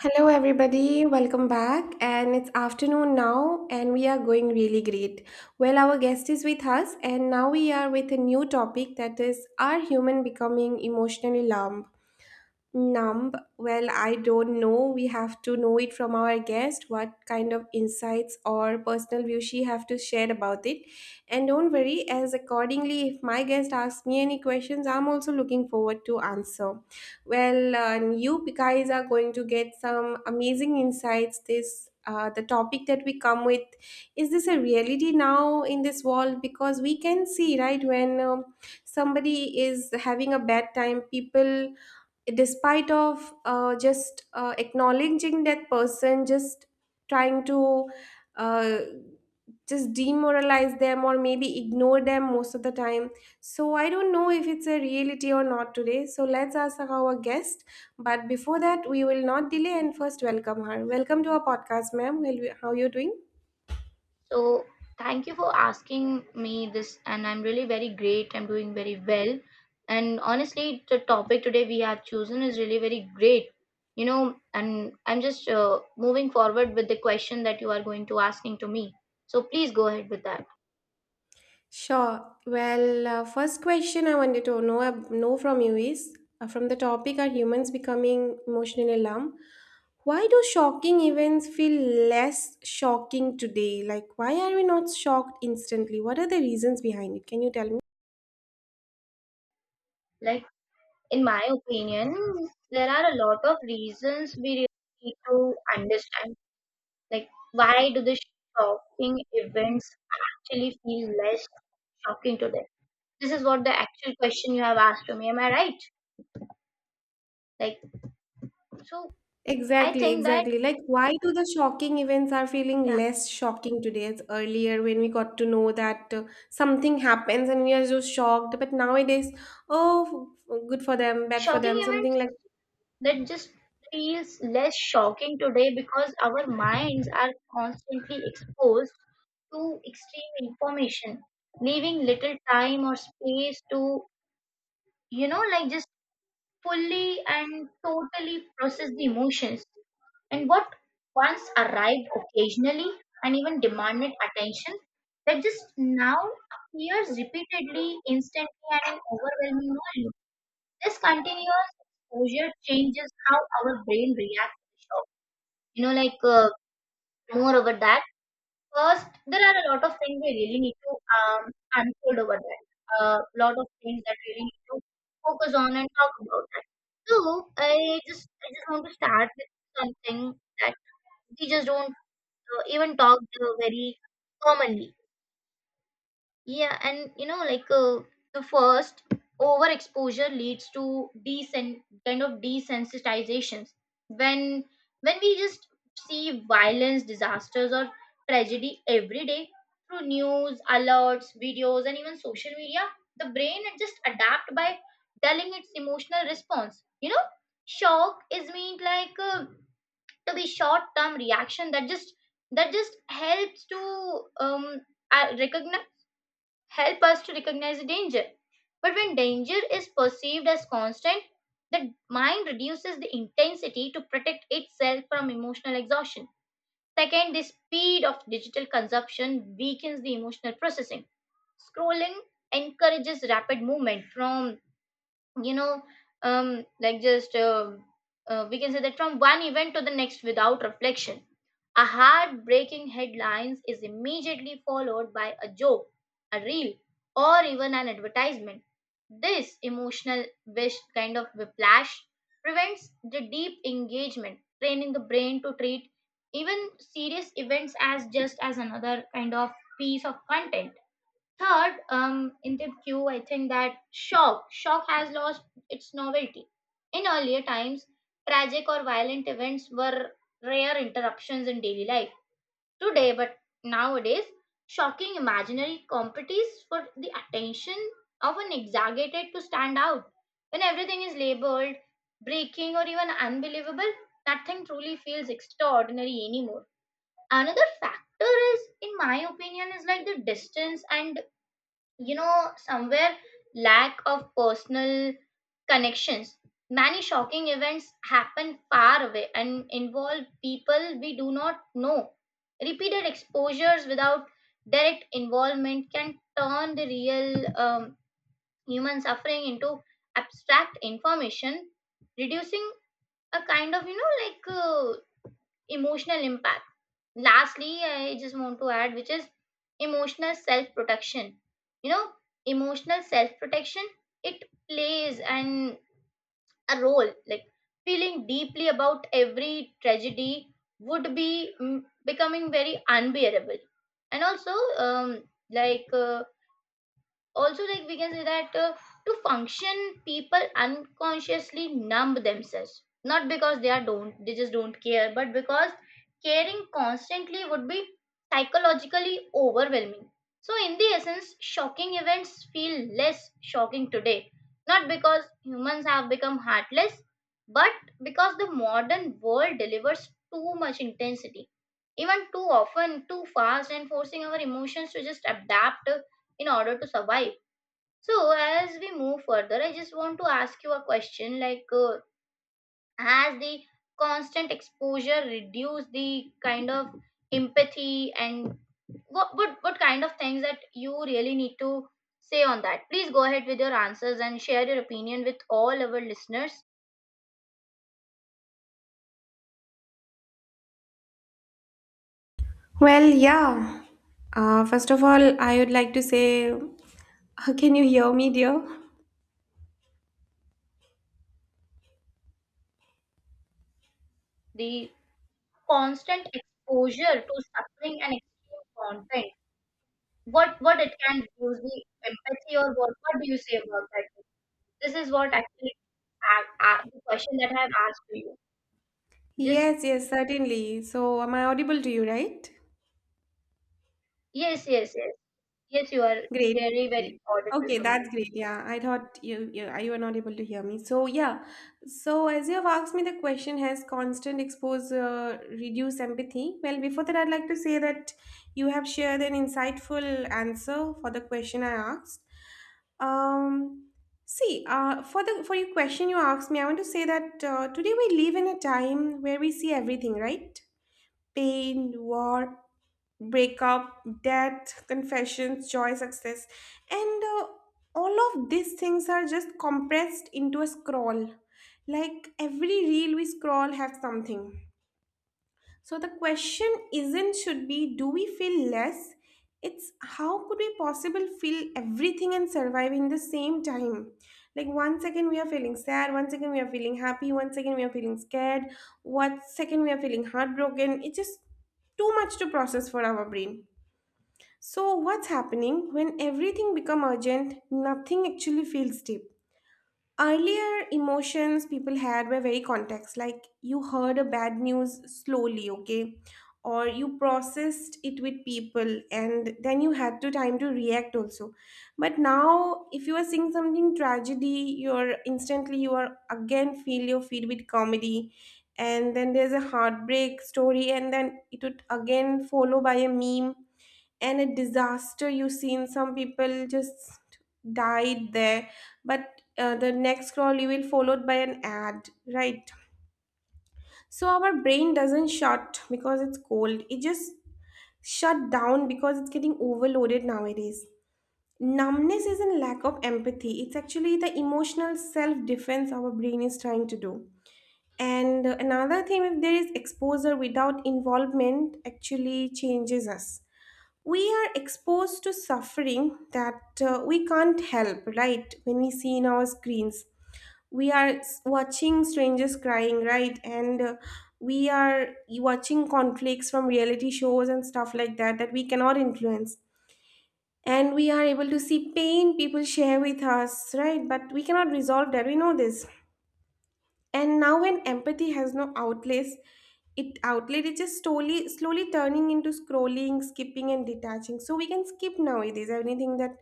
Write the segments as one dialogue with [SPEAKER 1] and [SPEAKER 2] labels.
[SPEAKER 1] Hello, everybody. Welcome back. And it's afternoon now, and we are going really great. Our guest is with us, and now we are with a new topic that is, are human becoming emotionally numb? Numb? I don't know. We have to know it from our guest what kind of insights or personal view she have to share about it. And don't worry, as accordingly, if my guest asks me any questions, I'm also looking forward to answer. You guys are going to get some amazing insights. This the topic that we come with is this a reality now in this world? Because we can see right when somebody is having a bad time, people despite of just acknowledging that person just trying to uh, just demoralize them or maybe ignore them most of the time, so I don't know if it's a reality or not today. So let's ask our guest, but before that, we will not delay and first welcome her. Welcome to our podcast, ma'am. Well, how are you doing?
[SPEAKER 2] So thank you for asking me this, and I'm really very great. I'm doing very well. And honestly, the topic today we have chosen is really very great. You know, and I'm just moving forward with the question that you are going to asking to me. So please go ahead with that.
[SPEAKER 1] Sure. First question I wanted to know know from you is, from the topic, are humans becoming emotionally numb? Why do shocking events feel less shocking today? Like, why are we not shocked instantly? What are the reasons behind it? Can you tell me?
[SPEAKER 2] Like, in my opinion, there are a lot of reasons we really need to understand. Like, why do the shocking events actually feel less shocking today? This is what the actual question you have asked to me. Am I right? Like, so I
[SPEAKER 1] Exactly,
[SPEAKER 2] think that,
[SPEAKER 1] exactly. Like, why do the shocking events are feeling
[SPEAKER 2] yeah,
[SPEAKER 1] less shocking today as earlier, when we got to know that something happens and we are just shocked. But nowadays, oh, good for them, bad for
[SPEAKER 2] shocking
[SPEAKER 1] them, something
[SPEAKER 2] events
[SPEAKER 1] like.
[SPEAKER 2] that just feels less shocking today because our minds are constantly exposed to extreme information, leaving little time or space to, you know, like just fully and totally process the emotions and what once arrived occasionally and even demanded attention that just now appears repeatedly, instantly, and in overwhelming volume. This continuous exposure changes how our brain reacts to shock. You know, like, more over that. First, there are a lot of things we really need to um, unfold over that. A lot of things that we really need to focus on and talk about that. So I just want to start with something that we just don't even talk very commonly. Yeah, and you know, like, the first overexposure leads to decent kind of desensitizations. When when we just see violence, disasters, or tragedy every day through news, alerts, videos, and even social media, the brain it just adapt by telling its emotional response. You know, shock is meant like, to be short term reaction that just helps to recognize help us to recognize the danger. But when danger is perceived as constant, the mind reduces the intensity to protect itself from emotional exhaustion. Second, the speed of digital consumption weakens the emotional processing. Scrolling encourages rapid movement from, you know like just we can say that from one event to the next without reflection. A heartbreaking headlines is immediately followed by a joke, a reel, or even an advertisement. This emotional wish kind of whiplash prevents the deep engagement, training the brain to treat even serious events as just as another kind of piece of content. Third, in the queue, I think that shock has lost its novelty. In earlier times, tragic or violent events were rare interruptions in daily life. Today, but nowadays, shocking imaginary competes for the attention, often exaggerated to stand out. When everything is labeled, breaking, or even unbelievable, nothing truly feels extraordinary anymore. Another factor is, in my opinion, is like the distance and, you know, somewhere lack of personal connections. Many shocking events happen far away and involve people we do not know. Repeated exposures without direct involvement can turn the real human suffering into abstract information, reducing a kind of, you know, emotional impact. Lastly, I just want to add, which is emotional self protection, you know, emotional self protection, it plays an a role like feeling deeply about every tragedy would be becoming very unbearable, and also, um, like uh, also like we can say that, to function people unconsciously numb themselves, not because they just don't care, but because caring constantly would be psychologically overwhelming. So in the essence, shocking events feel less shocking today not because humans have become heartless, but because the modern world delivers too much intensity, even too often too fast, and forcing our emotions to just adapt in order to survive. So, as we move further, I just want to ask you a question like, has the constant exposure reduced the kind of empathy, and what kind of things that you really need to say on that? Please go ahead with your answers and share your opinion with all our listeners.
[SPEAKER 1] Well, yeah. First of all, I would like to say, can you hear me, dear?
[SPEAKER 2] The constant exposure to suffering and extreme content, what it can reduce the empathy, or what do you say about that? This is what actually the question that I have asked to you. Just
[SPEAKER 1] Yes, yes, certainly. So, am I audible to you, right?
[SPEAKER 2] yes, yes, yes, yes. You are
[SPEAKER 1] Great.
[SPEAKER 2] very, very
[SPEAKER 1] Great.
[SPEAKER 2] audible
[SPEAKER 1] Okay,
[SPEAKER 2] to me.
[SPEAKER 1] that's great. Yeah, I thought you, you were not able to hear me. So yeah, so as you have asked me the question, has constant exposure reduced empathy? Well, before that, I'd like to say that you have shared an insightful answer for the question I asked. Um, see, for the for your question you asked me, I want to say that today we live in a time where we see everything, right? Pain, war, breakup, death, confessions, joy, success, and all of these things are just compressed into a scroll. Like every reel we scroll have something. So the question isn't should be, do we feel less? It's how could we possibly feel everything and survive in the same time? Like 1 second we are feeling sad, 1 second we are feeling happy, 1 second we are feeling scared, 1 second we are feeling heartbroken. It's just too much to process for our brain. So what's happening, when everything become urgent, nothing actually feels deep. Earlier emotions people had were very context, like you heard a bad news slowly, okay? Or you processed it with people, and then you had to time to react also. But now if you are seeing something tragedy, you are again feel your feed with comedy, and then there's a heartbreak story, and then it would again follow by a meme, and a disaster, you've seen some people just died there. But the next scroll you will followed by an ad, right? So our brain doesn't shut because it's cold, it just shut down because it's getting overloaded nowadays. Numbness isn't lack of empathy, it's actually the emotional self-defense our brain is trying to do. And another thing, if there is exposure without involvement, actually changes us. We are exposed to suffering that we can't help, right? When we see in our screens, we are watching strangers crying, right? And we are watching conflicts from reality shows and stuff like that that we cannot influence, and we are able to see pain people share with us, right? But we cannot resolve that, we know this. And now when empathy has no outlets, it outlet is just slowly slowly turning into scrolling, skipping, and detaching. So we can skip nowadays anything that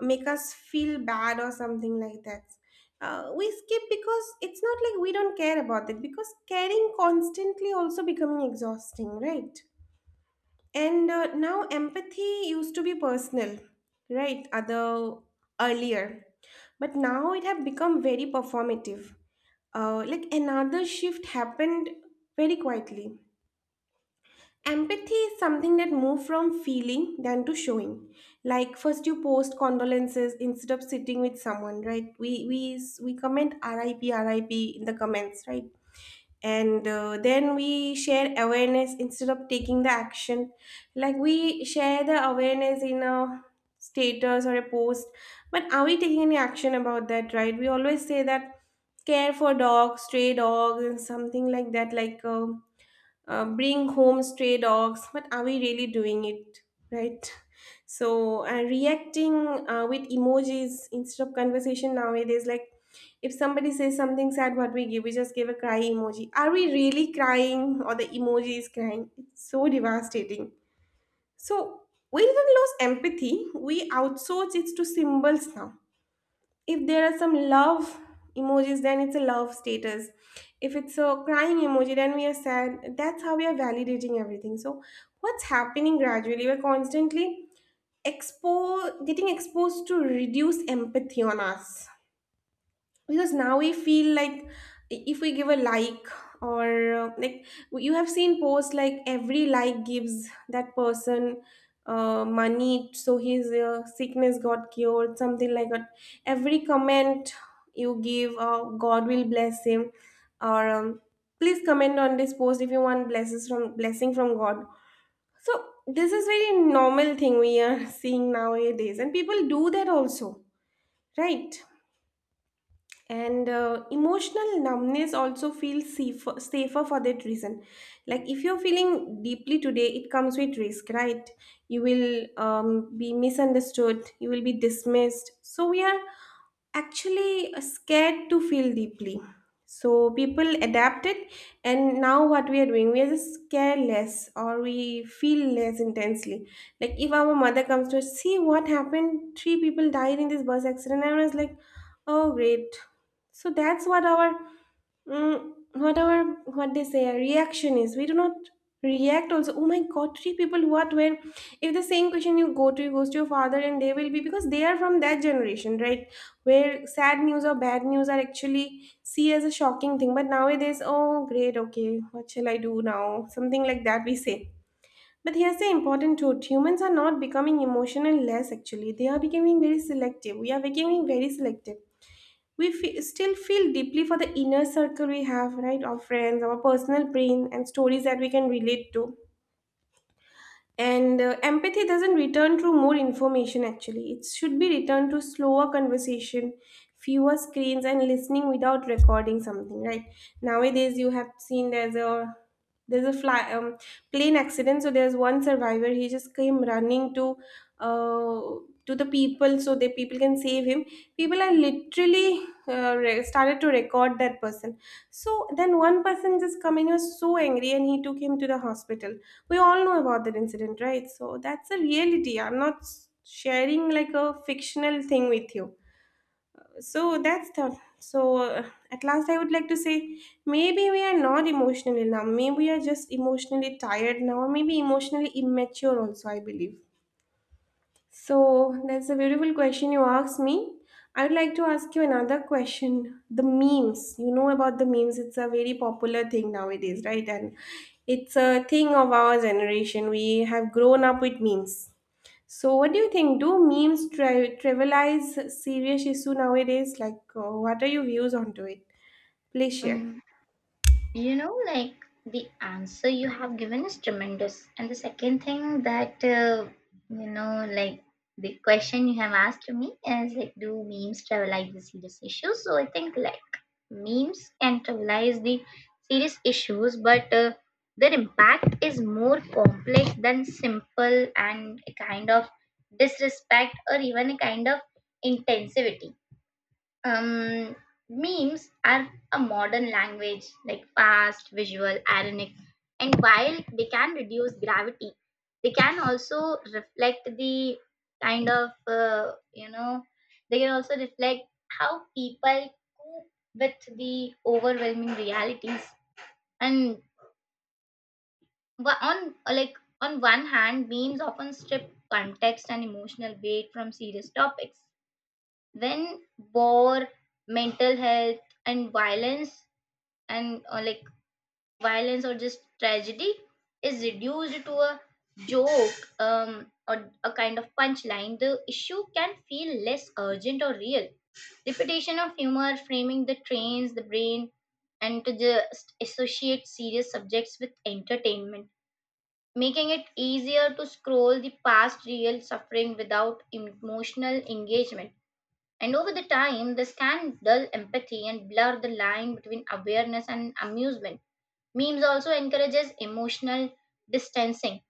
[SPEAKER 1] make us feel bad or something like that. We skip because it's not like we don't care about it, because caring constantly also becoming exhausting, right? And now empathy used to be personal, right? Other earlier, but now it have become very performative. Like another shift happened very quietly. Empathy is something that moved from feeling than to showing. Like first you post condolences instead of sitting with someone, right? We comment RIP RIP in the comments, right? And then we share awareness instead of taking the action, like we share the awareness in a status or a post, but are we taking any action about that, right? We always say that care for dogs, stray dogs, and something like that, like bring home stray dogs, but are we really doing it, right? So reacting with emojis instead of conversation nowadays, like if somebody says something sad, what we give, we just give a cry emoji. Are we really crying, or the emoji is crying? It's so devastating. So we didn't lose empathy. We outsource it to symbols now. If there are some love emojis, then it's a love status. If it's a crying emoji, then we are sad. That's how we are validating everything. So what's happening gradually, we're constantly exposed getting exposed to reduce empathy on us, because now we feel like if we give a like, or you have seen posts like every like gives that person money, so his sickness got cured, something like that. Every comment you give, god will bless him, or please comment on this post if you want blessings from blessing from god so this is very normal thing we are seeing nowadays, and people do that also, right? And emotional numbness also feels safer, safer for that reason. Like if you're feeling deeply today, it comes with risk, right? You will be misunderstood, you will be dismissed. So we are actually scared to feel deeply. So people adapted, and now what we are doing, we are just care less or we feel less intensely. Like if our mother comes to us, see what happened, three people died in this bus accident, and I was like, oh great. So that's what our what they say our reaction is. We do not react also. Oh my God, three people what when. If the same question you go to, you goes to your father, and they will be, because they are from that generation, right? Where sad news or bad news are actually see as a shocking thing, but nowadays, oh great, okay, what shall I do now, something like that we say. But here's the important truth, humans are not becoming emotional less, actually they are becoming very selective. We are becoming very selective. We still feel deeply for the inner circle we have, right? Our friends, our personal pain, and stories that we can relate to. And empathy doesn't return through more information, actually. It should be returned to slower conversation, fewer screens, and listening without recording something, right? Nowadays, you have seen there's a fly plane accident, so there's one survivor, he just came running uh, to the people so the people can save him. People are literally started to record that person. So then one person just come in, he was so angry, and he took him to the hospital. We all know about that incident, right? So that's a reality. I'm not sharing like a fictional thing with you. So that's the, so at last I would like to say, maybe we are not emotionally now, maybe we are just emotionally tired now, or maybe emotionally immature also, I believe. So that's a beautiful question you asked me. I'd like to ask you another question. The memes, you know about the memes, it's a very popular thing nowadays, right? And it's a thing of our generation. We have grown up with memes. So what do you think? Do memes trivialize serious issue nowadays? Like, what are your views onto it? Please share.
[SPEAKER 2] Mm. You know, like, the answer you have given is tremendous. And the second thing that, you know, like, the question you have asked me is like, do memes trivialize the serious issues? So I think like memes can trivialize the serious issues, but their impact is more complex than simple and a kind of disrespect or even a kind of intensivity. um, memes are a modern language, like fast, visual, ironic, and while they can reduce gravity, they can also reflect the kind of, you know, they can also reflect how people cope with the overwhelming realities. And on like on one hand, memes often strip context and emotional weight from serious topics. When war, mental health, and violence, and like violence or just tragedy, is reduced to a joke or a kind of punchline, the issue can feel less urgent or real. Repetition of humor framing the trains, the brain, and to just associate serious subjects with entertainment, making it easier to scroll the past real suffering without emotional engagement, and over the time, this can dull empathy and blur the line between awareness and amusement. Memes also encourages emotional distancing.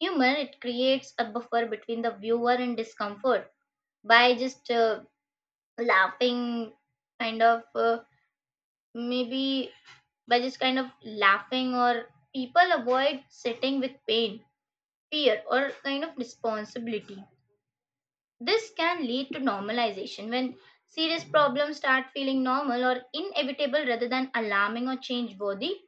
[SPEAKER 2] Humor it creates a buffer between the viewer and discomfort by just, laughing, kind of, maybe by just kind of laughing, or people avoid sitting with pain, fear, or kind of responsibility. This can lead to normalization when serious problems start feeling normal or inevitable rather than alarming or change worthy.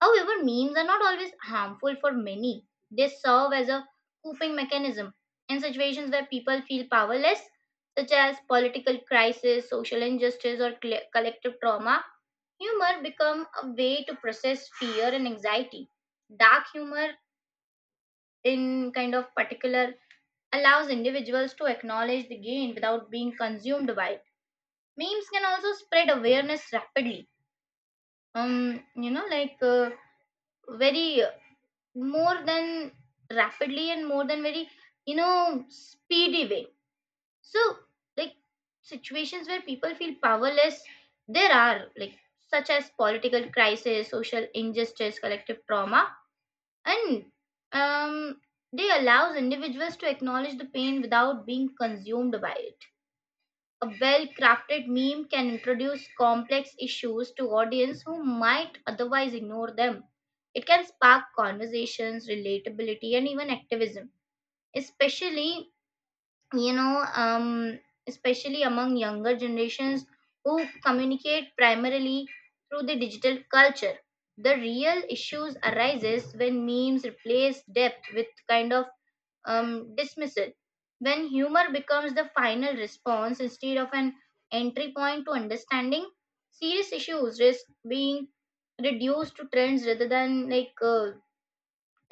[SPEAKER 2] However, memes are not always harmful for many. They serve as a coping mechanism in situations where people feel powerless, such as political crisis, social injustice, or collective trauma. Humor become a way to process fear and anxiety. Dark humor, in kind of particular, allows individuals to acknowledge the gain without being consumed by it. Memes can also spread awareness rapidly. You know, like, very more than rapidly and more than very, you know, speedy way. So, like, situations where people feel powerless, there are like such as political crisis, social injustice, collective trauma, and um, they allows individuals to acknowledge the pain without being consumed by it. A well-crafted meme can introduce complex issues to audience who might otherwise ignore them. It can spark conversations, relatability, and even activism, especially, you know, um, especially among younger generations who communicate primarily through the digital culture. The real issues arises when memes replace depth with kind of dismissal. When humor becomes the final response instead of an entry point to understanding, serious issues risk being reduced to trends rather than like, uh,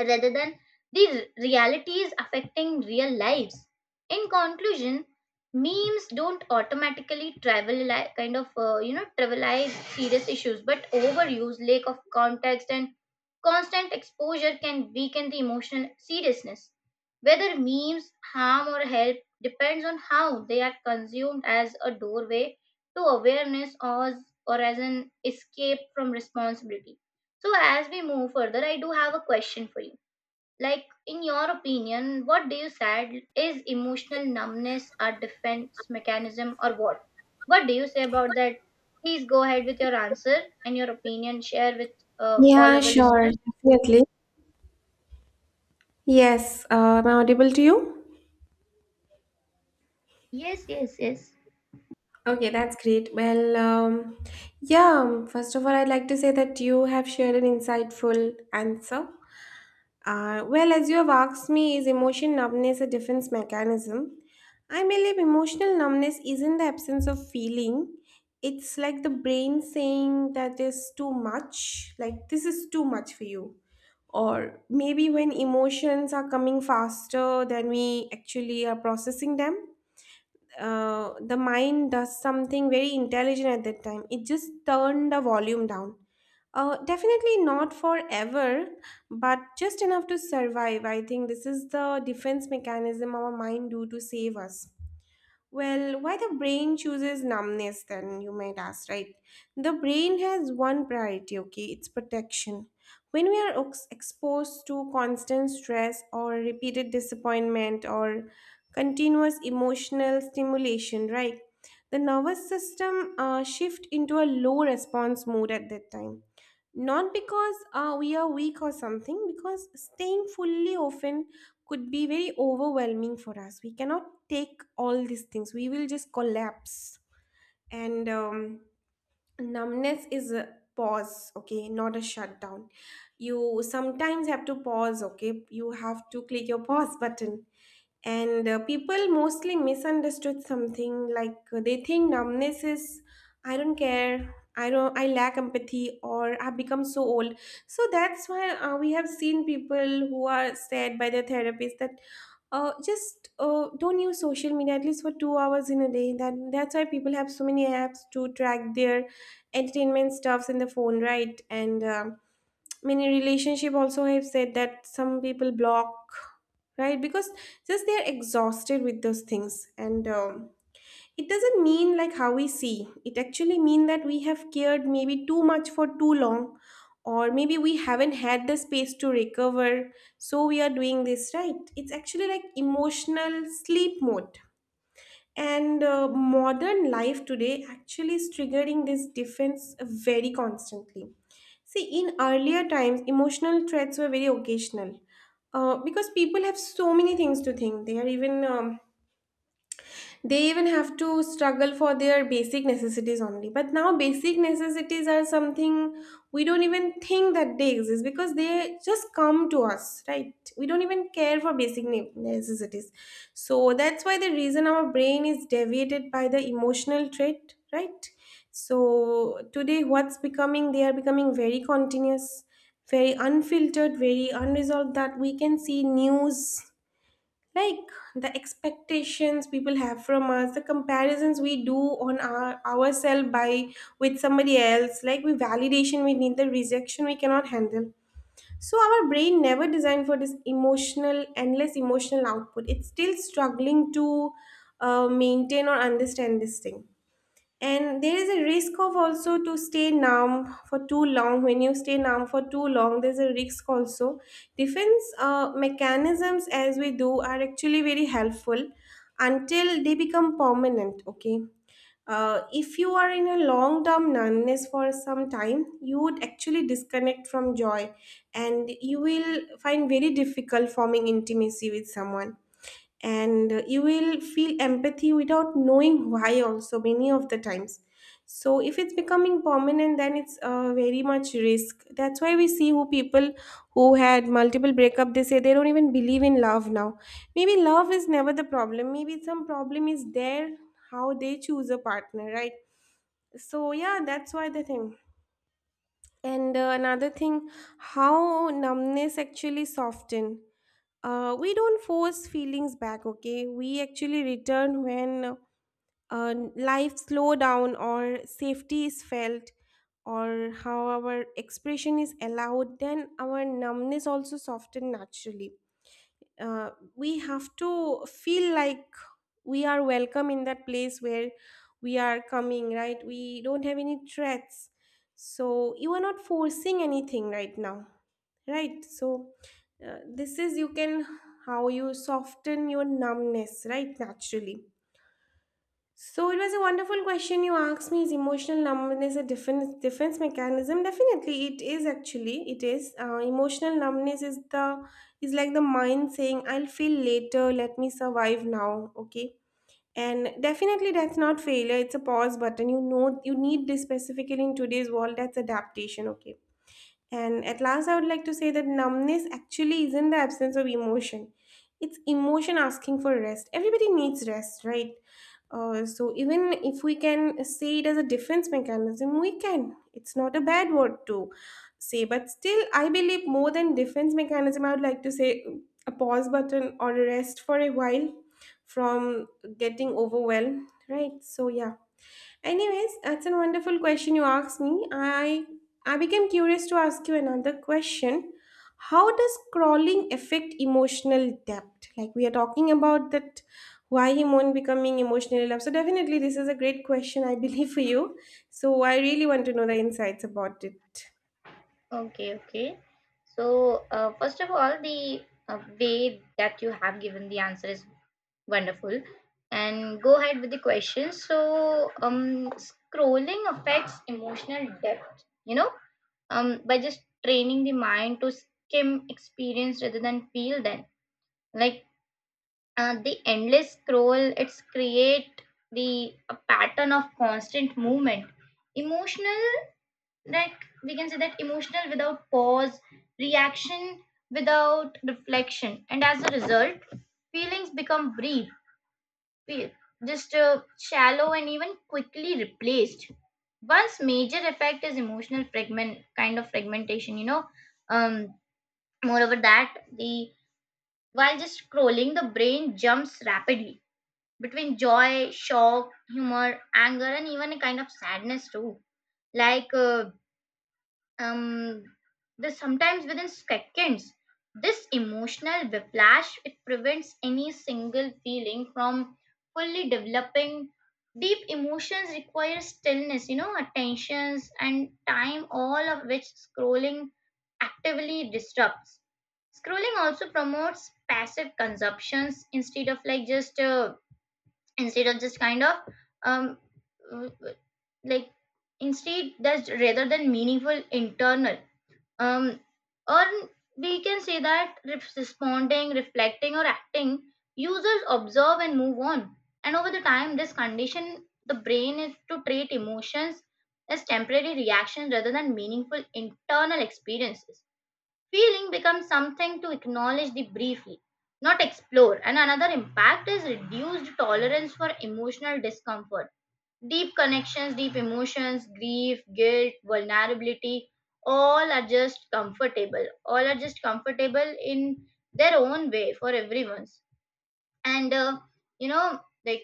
[SPEAKER 2] rather than the realities affecting real lives. In conclusion, memes don't automatically trivialize kind of, you know, trivialize serious issues, but overuse, lack of context, and constant exposure can weaken the emotional seriousness. Whether memes harm or help depends on how they are consumed as a doorway to awareness, or as an escape from responsibility. So, as we move further, I do have a question for you like, in your opinion, what do you said is emotional numbness a defense mechanism or what? What do you say about that? Please go ahead with your answer and your opinion. Share with all
[SPEAKER 1] Yeah,
[SPEAKER 2] our
[SPEAKER 1] sure,
[SPEAKER 2] listeners.
[SPEAKER 1] definitely. Yes, am I audible to you?
[SPEAKER 2] Yes, yes, yes.
[SPEAKER 1] Okay, that's great. Well, yeah, first of all, I'd like to say that you have shared an insightful answer. Well, as you have asked me, is emotion numbness a defense mechanism? I believe emotional numbness isn't the absence of feeling. It's like the brain saying that is too much, like this is too much for you. Or maybe when emotions are coming faster than we actually are processing them, the mind does something very intelligent at that time. It just turned the volume down. Definitely not forever, but just enough to survive. I think this is the defense mechanism our mind do to save us. Well, why the brain chooses numbness, then you might ask, right? The brain has one priority, okay? It's protection. When we are exposed to constant stress or repeated disappointment or continuous emotional stimulation, right? The nervous system shift into a low response mode at that time, not because we are weak or something, because staying fully often could be very overwhelming for us. We cannot take all these things, we will just collapse. And numbness is a pause, okay, not a shutdown. You sometimes have to pause, okay, you have to click your pause button. And people mostly misunderstood something, like they think numbness is I don't care, I don't, I lack empathy, or I've become so old. So that's why we have seen people who are said by their therapist that just don't use social media at least for 2 hours in a day. That's why people have so many apps to track their entertainment stuffs in the phone, right? And many relationship also have said that some people block, right, because just they're exhausted with those things. And it doesn't mean like how we see it, actually mean that we have cared maybe too much for too long, or maybe we haven't had the space to recover. So we are doing this, right? It's actually like emotional sleep mode. And modern life today actually is triggering this defense very constantly. See, in earlier times emotional threats were very occasional, because people have so many things to think. They even have to struggle for their basic necessities only. But now basic necessities are something we don't even think that they exist, because they just come to us, right? We don't even care for basic necessities. So that's why the reason our brain is deviated by the emotional trait, right? So today what's becoming they are becoming very continuous, very unfiltered, very unresolved, that we can see news, like the expectations people have from us, the comparisons we do on ourselves by, with somebody else, like we validation we need, the rejection we cannot handle. So our brain never designed for this emotional endless emotional output. It's still struggling to maintain or understand this thing. And there is a risk of also to stay numb for too long. When you stay numb for too long, there's a risk also. Defense mechanisms as we do are actually very helpful, until they become permanent, okay? Uh, if you are in a long term numbness for some time, you would actually disconnect from joy, and you will find very difficult forming intimacy with someone. And you will feel empathy without knowing why also many of the times. So if it's becoming permanent, then it's very much risk. That's why we see who people who had multiple breakup, they say they don't even believe in love now. Maybe love is never the problem, maybe some problem is there, how they choose a partner, right? So yeah, that's why the thing. And another thing, how numbness actually soften. We don't force feelings back, okay? We actually return when life slow down, or safety is felt, or how our expression is allowed, then our numbness also soften naturally. Uh, we have to feel like we are welcome in that place where we are coming, right? We don't have any threats, so you are not forcing anything right now, right? So this is you can, how you soften your numbness, right, naturally. So it was a wonderful question you asked me. Is emotional numbness a defense mechanism? Definitely, it is. Actually, it is. Emotional numbness is the, is like the mind saying, "I'll feel later. Let me survive now." Okay, and definitely that's not failure. It's a pause button. You know, you need this specifically in today's world. That's adaptation. Okay, and at last, I would like to say that numbness actually isn't the absence of emotion, it's emotion asking for rest. Everybody needs rest, right? So, even if we can say it as a defense mechanism, we can. It's not a bad word to say, but still, I believe more than defense mechanism, I would like to say a pause button, or a rest for a while from getting overwhelmed, right? So, yeah. Anyways, that's a wonderful question you asked me. I became curious to ask you another question. How does crawling affect emotional depth? Like we are talking about that why human becoming emotionally love. So definitely this is a great question, I believe, for you. So I really want to know the insights about it.
[SPEAKER 2] Okay, okay. So, first of all, the way that you have given the answer is wonderful. And go ahead with the questions. So, scrolling affects emotional depth, you know, by just training the mind to skim experience rather than feel them. Like, the endless scroll, it's create the a pattern of constant movement. Emotional, like we can say that emotional without pause, reaction without reflection, and as a result, feelings become brief pe- just shallow and even quickly replaced. One's major effect is emotional fragment kind of fragmentation. You know, um, moreover that the while just scrolling, the brain jumps rapidly between joy, shock, humor, anger, and even a kind of sadness too. Like, um this sometimes within seconds this emotional whiplash it prevents any single feeling from fully developing. Deep emotions require stillness, you know, attentions and time, all of which scrolling actively disrupts. Scrolling also promotes passive consumptions instead of like just, instead of just kind of um w- w- like instead that's rather than meaningful internal um or we can say that responding, reflecting, or acting. Users observe and move on, and over the time this condition the brain is to treat emotions as temporary reactions rather than meaningful internal experiences. Feeling becomes something to acknowledge the briefly, not explore. And another impact is reduced tolerance for emotional discomfort, deep connections, deep emotions, grief, guilt, vulnerability, all are just comfortable. All are just comfortable in their own way for everyone's. And you know, like,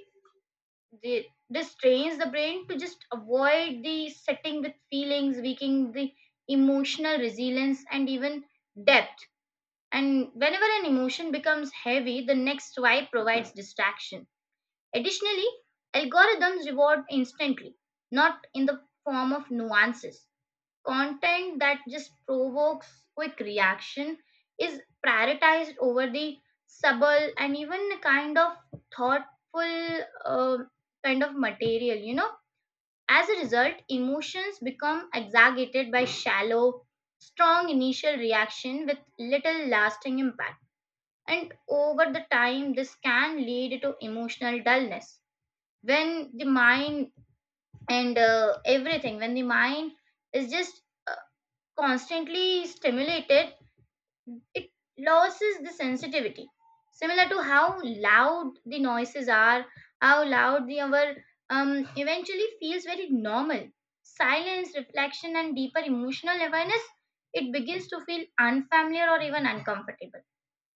[SPEAKER 2] this trains the brain to just avoid the setting with feelings, weakening the emotional resilience and even depth. And whenever an emotion becomes heavy, the next swipe provides distraction. Additionally, algorithms reward instantly, not in the form of nuances. Content that just provokes quick reaction is prioritized over the subtle and even a kind of thoughtful, kind of material, you know. As a result, emotions become exaggerated by shallow, strong initial reaction with little lasting impact. And over the time, this can lead to emotional dullness when the mind, and everything, when the mind is just, uh, constantly stimulated, it loses the sensitivity, similar to how loud the noises are, how loud the our eventually feels very normal. Silence, reflection, and deeper emotional awareness, it begins to feel unfamiliar or even uncomfortable.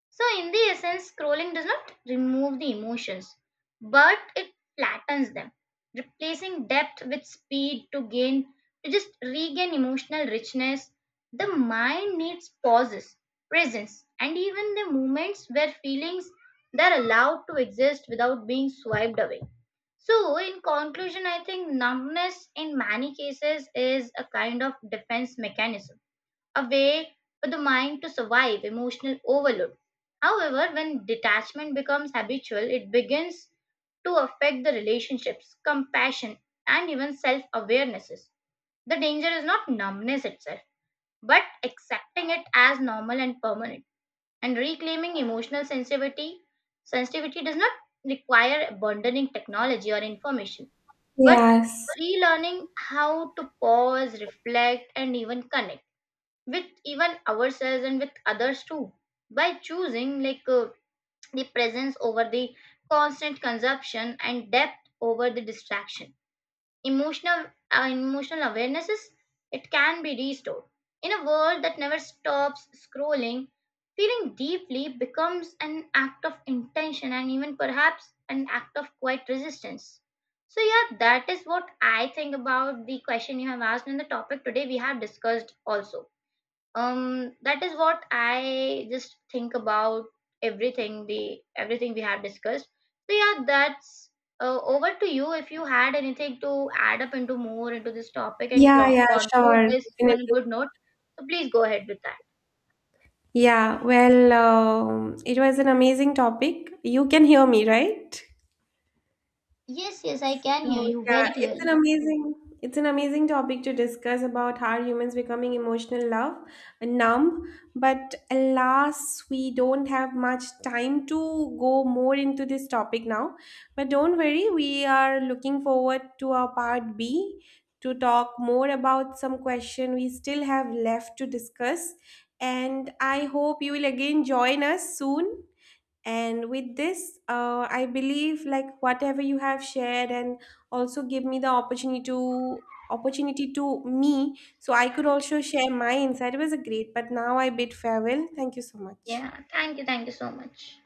[SPEAKER 2] So, in the essence, scrolling does not remove the emotions, but it flattens them, replacing depth with speed. To gain, to just regain emotional richness, the mind needs pauses, presence, and even the moments where feelings they're allowed to exist without being swiped away. So, in conclusion, I think numbness in many cases is a kind of defense mechanism, a way for the mind to survive emotional overload. However, when detachment becomes habitual, it begins to affect the relationships, compassion, and even self awarenesses. The danger is not numbness itself, but accepting it as normal and permanent. And reclaiming emotional sensitivity, sensitivity does not require abandoning technology or information, but
[SPEAKER 1] Yes.
[SPEAKER 2] relearning how to pause, reflect, and even connect with even ourselves and with others too, by choosing like, the presence over the constant consumption and depth over the distraction. Emotional, emotional awarenesses, it can be restored. In a world that never stops scrolling, feeling deeply becomes an act of intention and even perhaps an act of quiet resistance. So yeah, that is what I think about the question you have asked and the topic today we have discussed also. That is what I just think about everything, the everything we have discussed. So yeah, that's, over to you if you had anything to add up into more into this topic and
[SPEAKER 1] Yeah, yeah,
[SPEAKER 2] conclude
[SPEAKER 1] sure.
[SPEAKER 2] this on a
[SPEAKER 1] Definitely.
[SPEAKER 2] good note. So please go ahead with that.
[SPEAKER 1] Yeah, well, it was an amazing topic. You can hear me, right?
[SPEAKER 2] Yes, yes, I can
[SPEAKER 1] So
[SPEAKER 2] hear you
[SPEAKER 1] yeah,
[SPEAKER 2] very
[SPEAKER 1] it's an
[SPEAKER 2] clearly.
[SPEAKER 1] amazing, it's an amazing topic to discuss about how humans becoming emotional love numb. But alas, we don't have much time to go more into this topic now. But don't worry, we are looking forward to our part B to talk more about some question we still have left to discuss. And I hope you will again join us soon. And with this I believe, like, whatever you have shared and also give me the opportunity to, me, so I could also share my insight. It was a great, but now I bid farewell. Thank you so much.
[SPEAKER 2] Yeah, thank you, thank you so much.